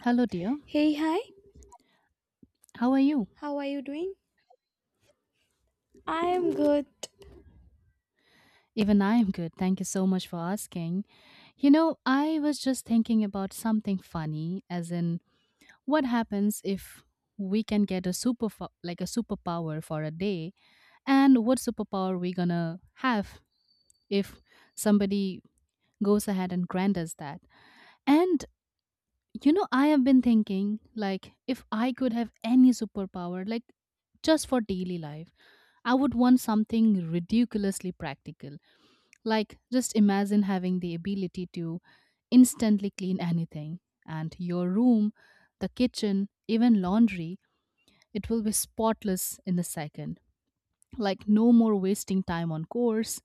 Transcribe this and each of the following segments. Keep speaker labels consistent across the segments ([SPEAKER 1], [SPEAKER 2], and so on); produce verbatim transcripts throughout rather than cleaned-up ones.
[SPEAKER 1] Hello, dear.
[SPEAKER 2] Hey, hi,
[SPEAKER 1] How are you?
[SPEAKER 2] how are you doing? I am good.
[SPEAKER 1] Even I am good. Thank you so much for asking. You know, I was just thinking about something funny, as in, what happens if we can get a super, fo- like a superpower for a day, and what superpower we gonna have if somebody goes ahead and grant us that? And you know, I have been thinking, like, if I could have any superpower, like, just for daily life, I would want something ridiculously practical. Like, just imagine having the ability to instantly clean anything and your room, the kitchen, even laundry, it will be spotless in a second. Like, no more wasting time on chores,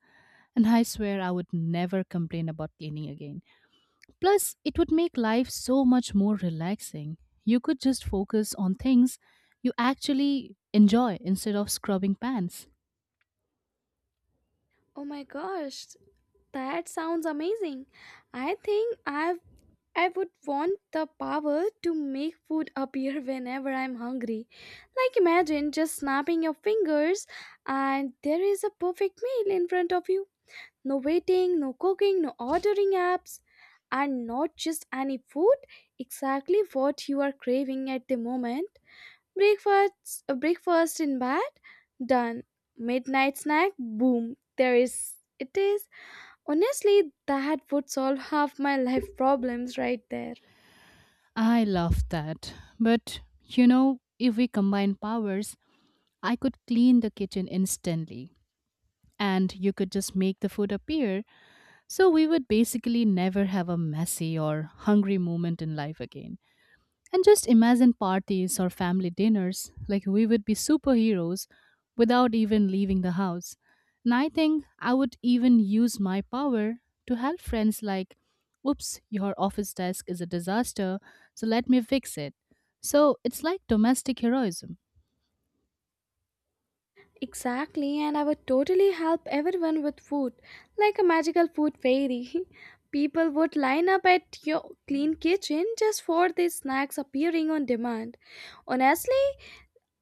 [SPEAKER 1] and I swear I would never complain about cleaning again. Plus, it would make life so much more relaxing. You could just focus on things you actually enjoy instead of scrubbing pans.
[SPEAKER 2] Oh my gosh, that sounds amazing. I think I've I would want the power to make food appear whenever I'm hungry. Like imagine just snapping your fingers and there is a perfect meal in front of you. No waiting, no cooking, no ordering apps, and not just any food, exactly what you are craving at the moment. Breakfast, uh, breakfast in bed, done. Midnight snack, boom. There is, it is. Honestly, that would solve half my life problems right there.
[SPEAKER 1] I love that. But you know, if we combine powers, I could clean the kitchen instantly and you could just make the food appear. So we would basically never have a messy or hungry moment in life again. And just imagine parties or family dinners, like we would be superheroes without even leaving the house. And I think I would even use my power to help friends, like, oops, your office desk is a disaster, so let me fix it. So it's like domestic heroism.
[SPEAKER 2] Exactly, and I would totally help everyone with food, like a magical food fairy. People would line up at your clean kitchen just for these snacks appearing on demand. Honestly,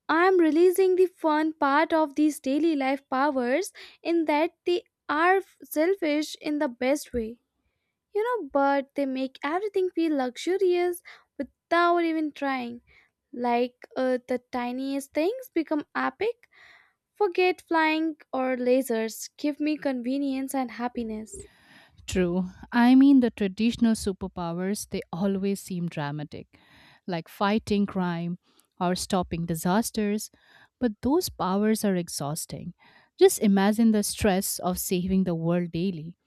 [SPEAKER 2] I'm releasing the fun part of these daily life powers in that they are f- selfish in the best way, you know, but they make everything feel luxurious without even trying. Like uh, the tiniest things become epic. Forget flying or lasers. Give me convenience and happiness.
[SPEAKER 1] True. I mean, the traditional superpowers, they always seem dramatic, like fighting crime or stopping disasters. But those powers are exhausting. Just imagine the stress of saving the world daily.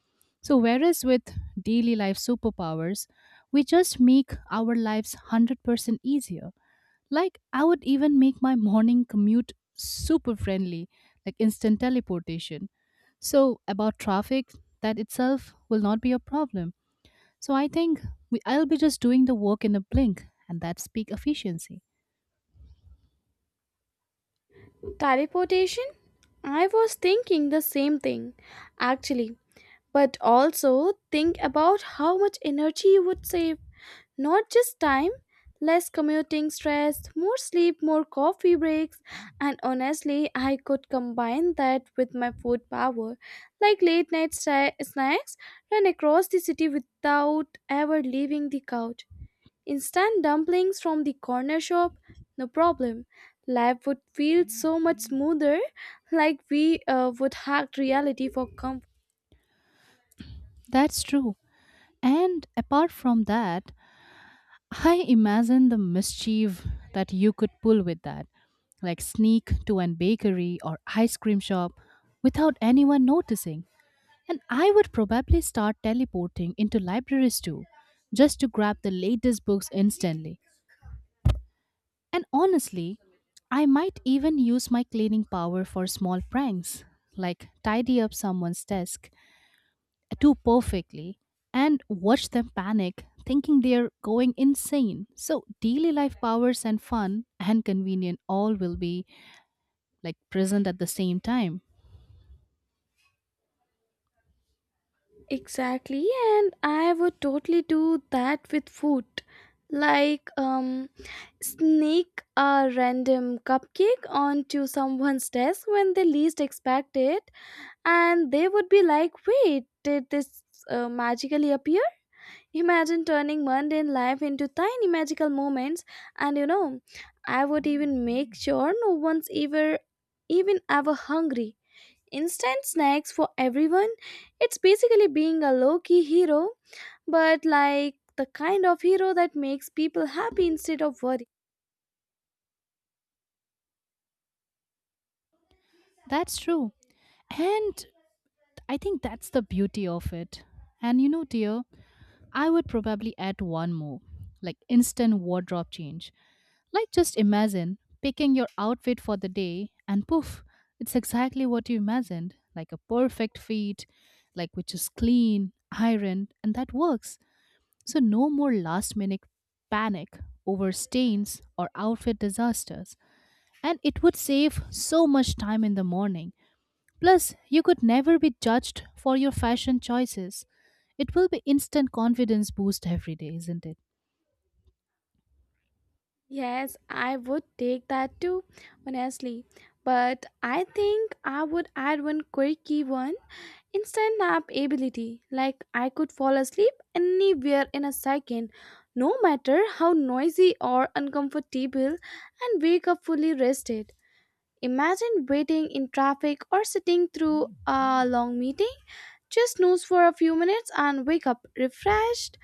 [SPEAKER 1] So, whereas with daily life superpowers, we just make our lives one hundred percent easier. Like, I would even make my morning commute super friendly, like instant teleportation. So, about traffic, that itself will not be a problem. So, I think we, I'll be just doing the work in a blink, and that's peak efficiency.
[SPEAKER 2] Teleportation? I was thinking the same thing, actually. But also think about how much energy you would save. Not just time, less commuting stress, more sleep, more coffee breaks, and honestly, I could combine that with my food power, like late night sna- snacks, run across the city without ever leaving the couch. Instant dumplings from the corner shop, no problem. Life would feel so much smoother, like we uh, would hack reality for comfort.
[SPEAKER 1] That's true. And apart from that, I imagine the mischief that you could pull with that, like sneak to an bakery or ice cream shop without anyone noticing. And I would probably start teleporting into libraries too, just to grab the latest books instantly. And honestly, I might even use my cleaning power for small pranks, like tidy up someone's desk too perfectly and watch them panic, thinking they're going insane. So, daily life powers and fun and convenient all will be like present at the same time.
[SPEAKER 2] Exactly, and I would totally do that with food. Like, um, sneak a random cupcake onto someone's desk when they least expect it, and they would be like, "Wait, did this uh, magically appear?" Imagine turning mundane life into tiny magical moments, and you know, I would even make sure no one's ever even ever hungry, instant snacks for everyone. It's basically being a low key hero, but like the kind of hero that makes people happy instead of worried.
[SPEAKER 1] That's true. And I think that's the beauty of it. And you know, dear, I would probably add one more, like instant wardrobe change. Like, just imagine picking your outfit for the day, and poof, it's exactly what you imagined, like a perfect fit, like which is clean, ironed, and that works. So, no more last minute panic over stains or outfit disasters. And it would save so much time in the morning. Plus, you could never be judged for your fashion choices. It will be instant confidence boost every day, isn't it?
[SPEAKER 2] Yes, I would take that too, honestly. But I think I would add one quirky one, instant nap ability. Like I could fall asleep anywhere in a second, no matter how noisy or uncomfortable, and wake up fully rested. Imagine waiting in traffic or sitting through a long meeting. Just snooze for a few minutes and wake up refreshed.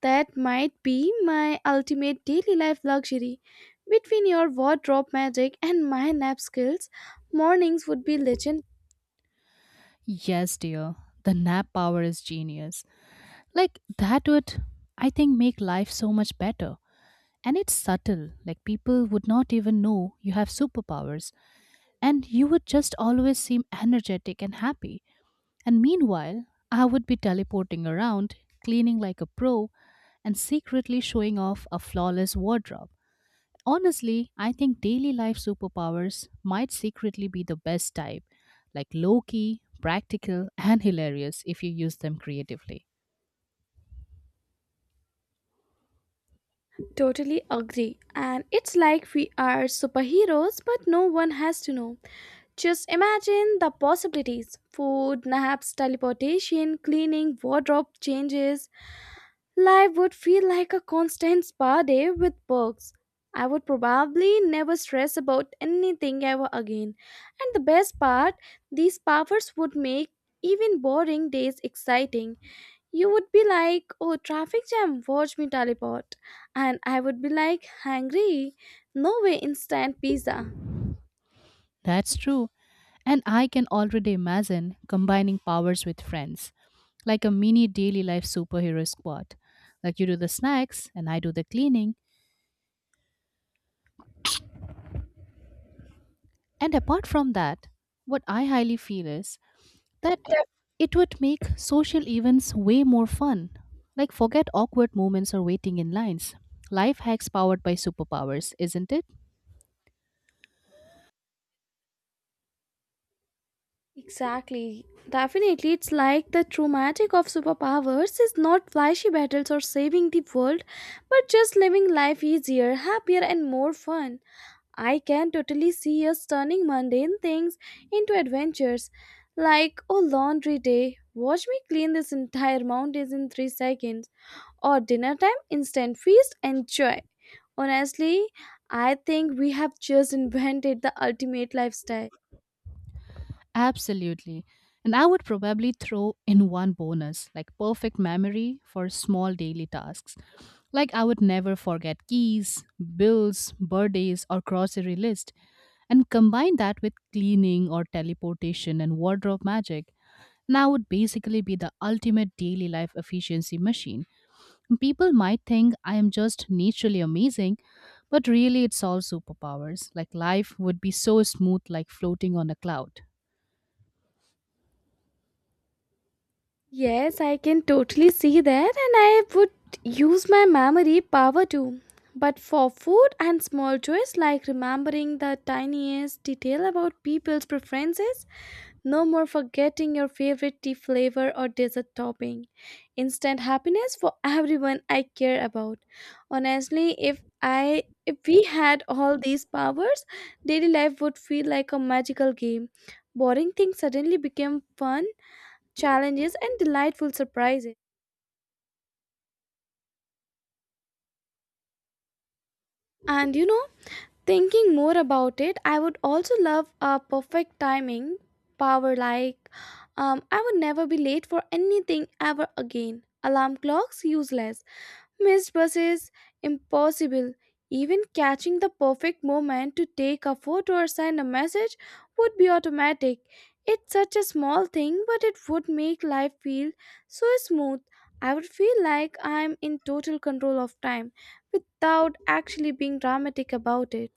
[SPEAKER 2] That might be my ultimate daily life luxury. Between your wardrobe magic and my nap skills, mornings would be legend.
[SPEAKER 1] Yes, dear. The nap power is genius. Like that would, I think, make life so much better. And it's subtle. Like people would not even know you have superpowers and you would just always seem energetic and happy. And meanwhile, I would be teleporting around, cleaning like a pro, and secretly showing off a flawless wardrobe. Honestly, I think daily life superpowers might secretly be the best type, like low key, practical, and hilarious if you use them creatively.
[SPEAKER 2] Totally agree. And it's like we are superheroes, but no one has to know. Just imagine the possibilities: food, naps, teleportation, cleaning, wardrobe changes. Life would feel like a constant spa day with perks. I would probably never stress about anything ever again. And the best part, these powers would make even boring days exciting. You would be like, "Oh, traffic jam, watch me teleport." And I would be like, "Hungry, no way, instant pizza."
[SPEAKER 1] That's true, and I can already imagine combining powers with friends, like a mini daily life superhero squad. Like you do the snacks, and I do the cleaning. And apart from that, what I highly feel is that it would make social events way more fun. Like, forget awkward moments or waiting in lines. Life hacks powered by superpowers, isn't it?
[SPEAKER 2] Exactly. Definitely, it's like the true magic of superpowers is not flashy battles or saving the world, but just living life easier, happier, and more fun. I can totally see us turning mundane things into adventures, like, "Oh, laundry day, watch me clean this entire mountain in three seconds," or "Dinner time, instant feast, enjoy." Honestly, I think we have just invented the ultimate lifestyle.
[SPEAKER 1] Absolutely. And I would probably throw in one bonus, like perfect memory for small daily tasks. Like, I would never forget keys, bills, birthdays, or grocery list, and combine that with cleaning or teleportation and wardrobe magic. Now would basically be the ultimate daily life efficiency machine. People might think I am just naturally amazing, but really it's all superpowers. Like life would be so smooth, like floating on a cloud.
[SPEAKER 2] Yes, I can totally see that, and I would use my memory power too. But for food and small joys, like remembering the tiniest detail about people's preferences, no more forgetting your favorite tea flavor or dessert topping. Instant happiness for everyone I care about. Honestly, if I if we had all these powers, daily life would feel like a magical game. Boring things suddenly became fun challenges, and delightful surprises. And you know, thinking more about it, I would also love a perfect timing power, like um, I would never be late for anything ever again. Alarm clocks, useless. Missed buses? Impossible. Even catching the perfect moment to take a photo or send a message would be automatic. It's such a small thing, but it would make life feel so smooth. I would feel like I'm in total control of time without actually being dramatic about it.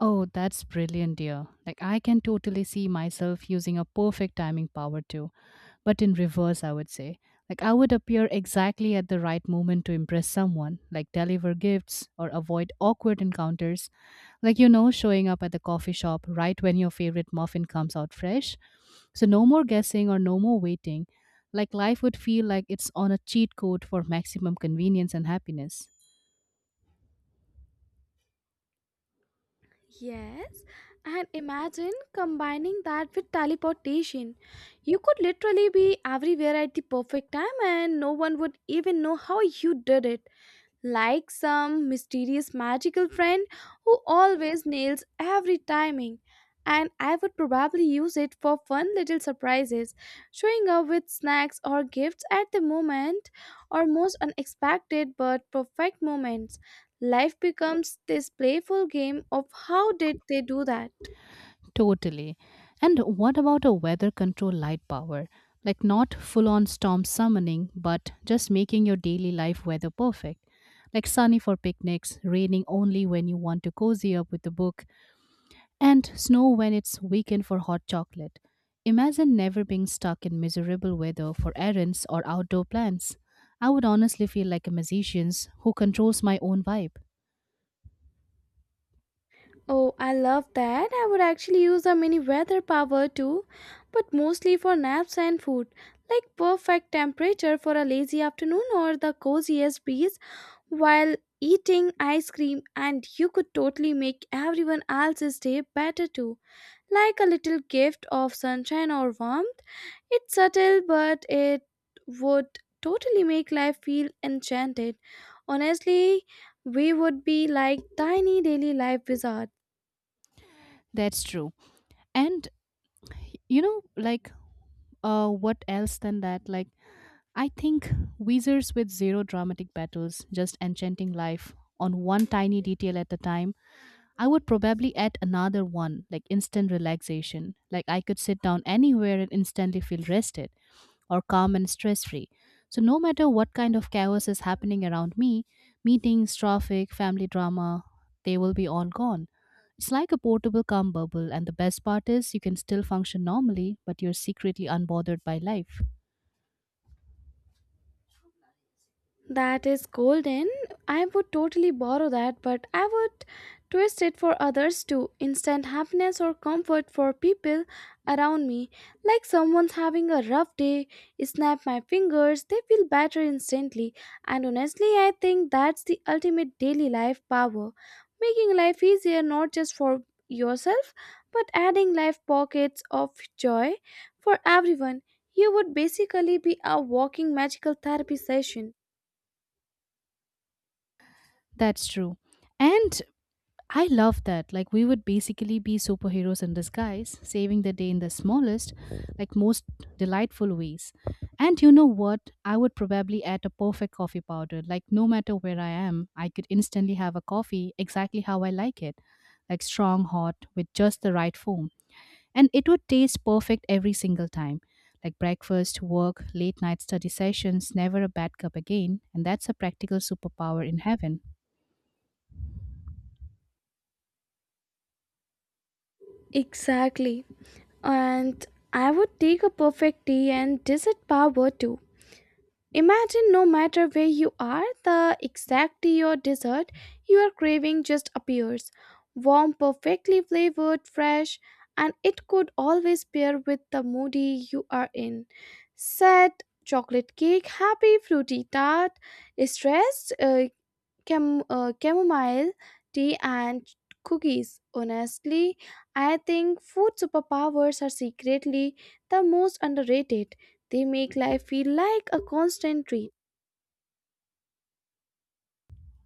[SPEAKER 1] Oh, that's brilliant, dear. Like, I can totally see myself using a perfect timing power too, but in reverse, I would say. Like, I would appear exactly at the right moment to impress someone, like deliver gifts or avoid awkward encounters, like, you know, showing up at the coffee shop right when your favorite muffin comes out fresh. So, no more guessing or no more waiting. Like, life would feel like it's on a cheat code for maximum convenience and happiness.
[SPEAKER 2] Yes, and imagine combining that with teleportation. You could literally be everywhere at the perfect time and no one would even know how you did it, like some mysterious magical friend who always nails every timing. And I would probably use it for fun little surprises, showing up with snacks or gifts at the moment, or most unexpected but perfect moments. Life becomes this playful game of "how did they do that?"
[SPEAKER 1] Totally. And what about a weather control light power? Like not full on storm summoning, but just making your daily life weather perfect. Like sunny for picnics, raining only when you want to cozy up with a book, and snow when it's weekend for hot chocolate. Imagine never being stuck in miserable weather for errands or outdoor plans. I would honestly feel like a musician who controls my own vibe.
[SPEAKER 2] Oh, I love that. I would actually use a mini weather power too, but mostly for naps and food. Like perfect temperature for a lazy afternoon or the coziest breeze while eating ice cream, and you could totally make everyone else's day better too. Like a little gift of sunshine or warmth. It's subtle, but it would totally make life feel enchanted. Honestly, we would be like tiny daily life wizards.
[SPEAKER 1] That's true. And you know, like uh, what else than that? Like I think wizards with zero dramatic battles, just enchanting life on one tiny detail at a time, I would probably add another one, like instant relaxation. Like I could sit down anywhere and instantly feel rested or calm and stress free. So, no matter what kind of chaos is happening around me, meetings, traffic, family drama, they will be all gone. It's like a portable calm bubble, and the best part is you can still function normally, but you're secretly unbothered by life.
[SPEAKER 2] That is golden. I would totally borrow that, but I would twist it for others too. Instant happiness or comfort for people around me. Like someone's having a rough day, snap my fingers, they feel better instantly. And honestly, I think that's the ultimate daily life power. Making life easier not just for yourself, but adding life pockets of joy for everyone. You would basically be a walking magical therapy session.
[SPEAKER 1] That's true. And I love that. Like, we would basically be superheroes in disguise, saving the day in the smallest, like most delightful ways. And you know what? I would probably add a perfect coffee powder. Like, no matter where I am, I could instantly have a coffee exactly how I like it, like strong, hot, with just the right foam. And it would taste perfect every single time. Like breakfast, work, late night study sessions, never a bad cup again. And that's a practical superpower in heaven.
[SPEAKER 2] Exactly. And I would take a perfect tea and dessert power too. Imagine no matter where you are, the exact tea or dessert you are craving just appears. Warm, perfectly flavored, fresh, and it could always pair with the mood you are in. Sad, chocolate cake; happy, fruity tart; stressed, uh, Cam- uh, chamomile tea and cookies. Honestly, I think food superpowers are secretly the most underrated. They make life feel like a constant treat.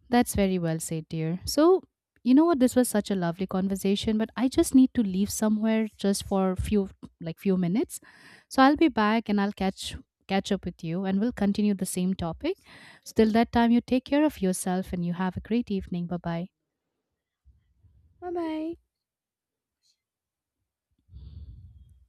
[SPEAKER 1] That's very well said, dear. So, you know what? This was such a lovely conversation, but I just need to leave somewhere just for few like few minutes. So I'll be back and I'll catch catch up with you and we'll continue the same topic. So till that time, you take care of yourself and you have a great evening. Bye bye.
[SPEAKER 2] Bye bye.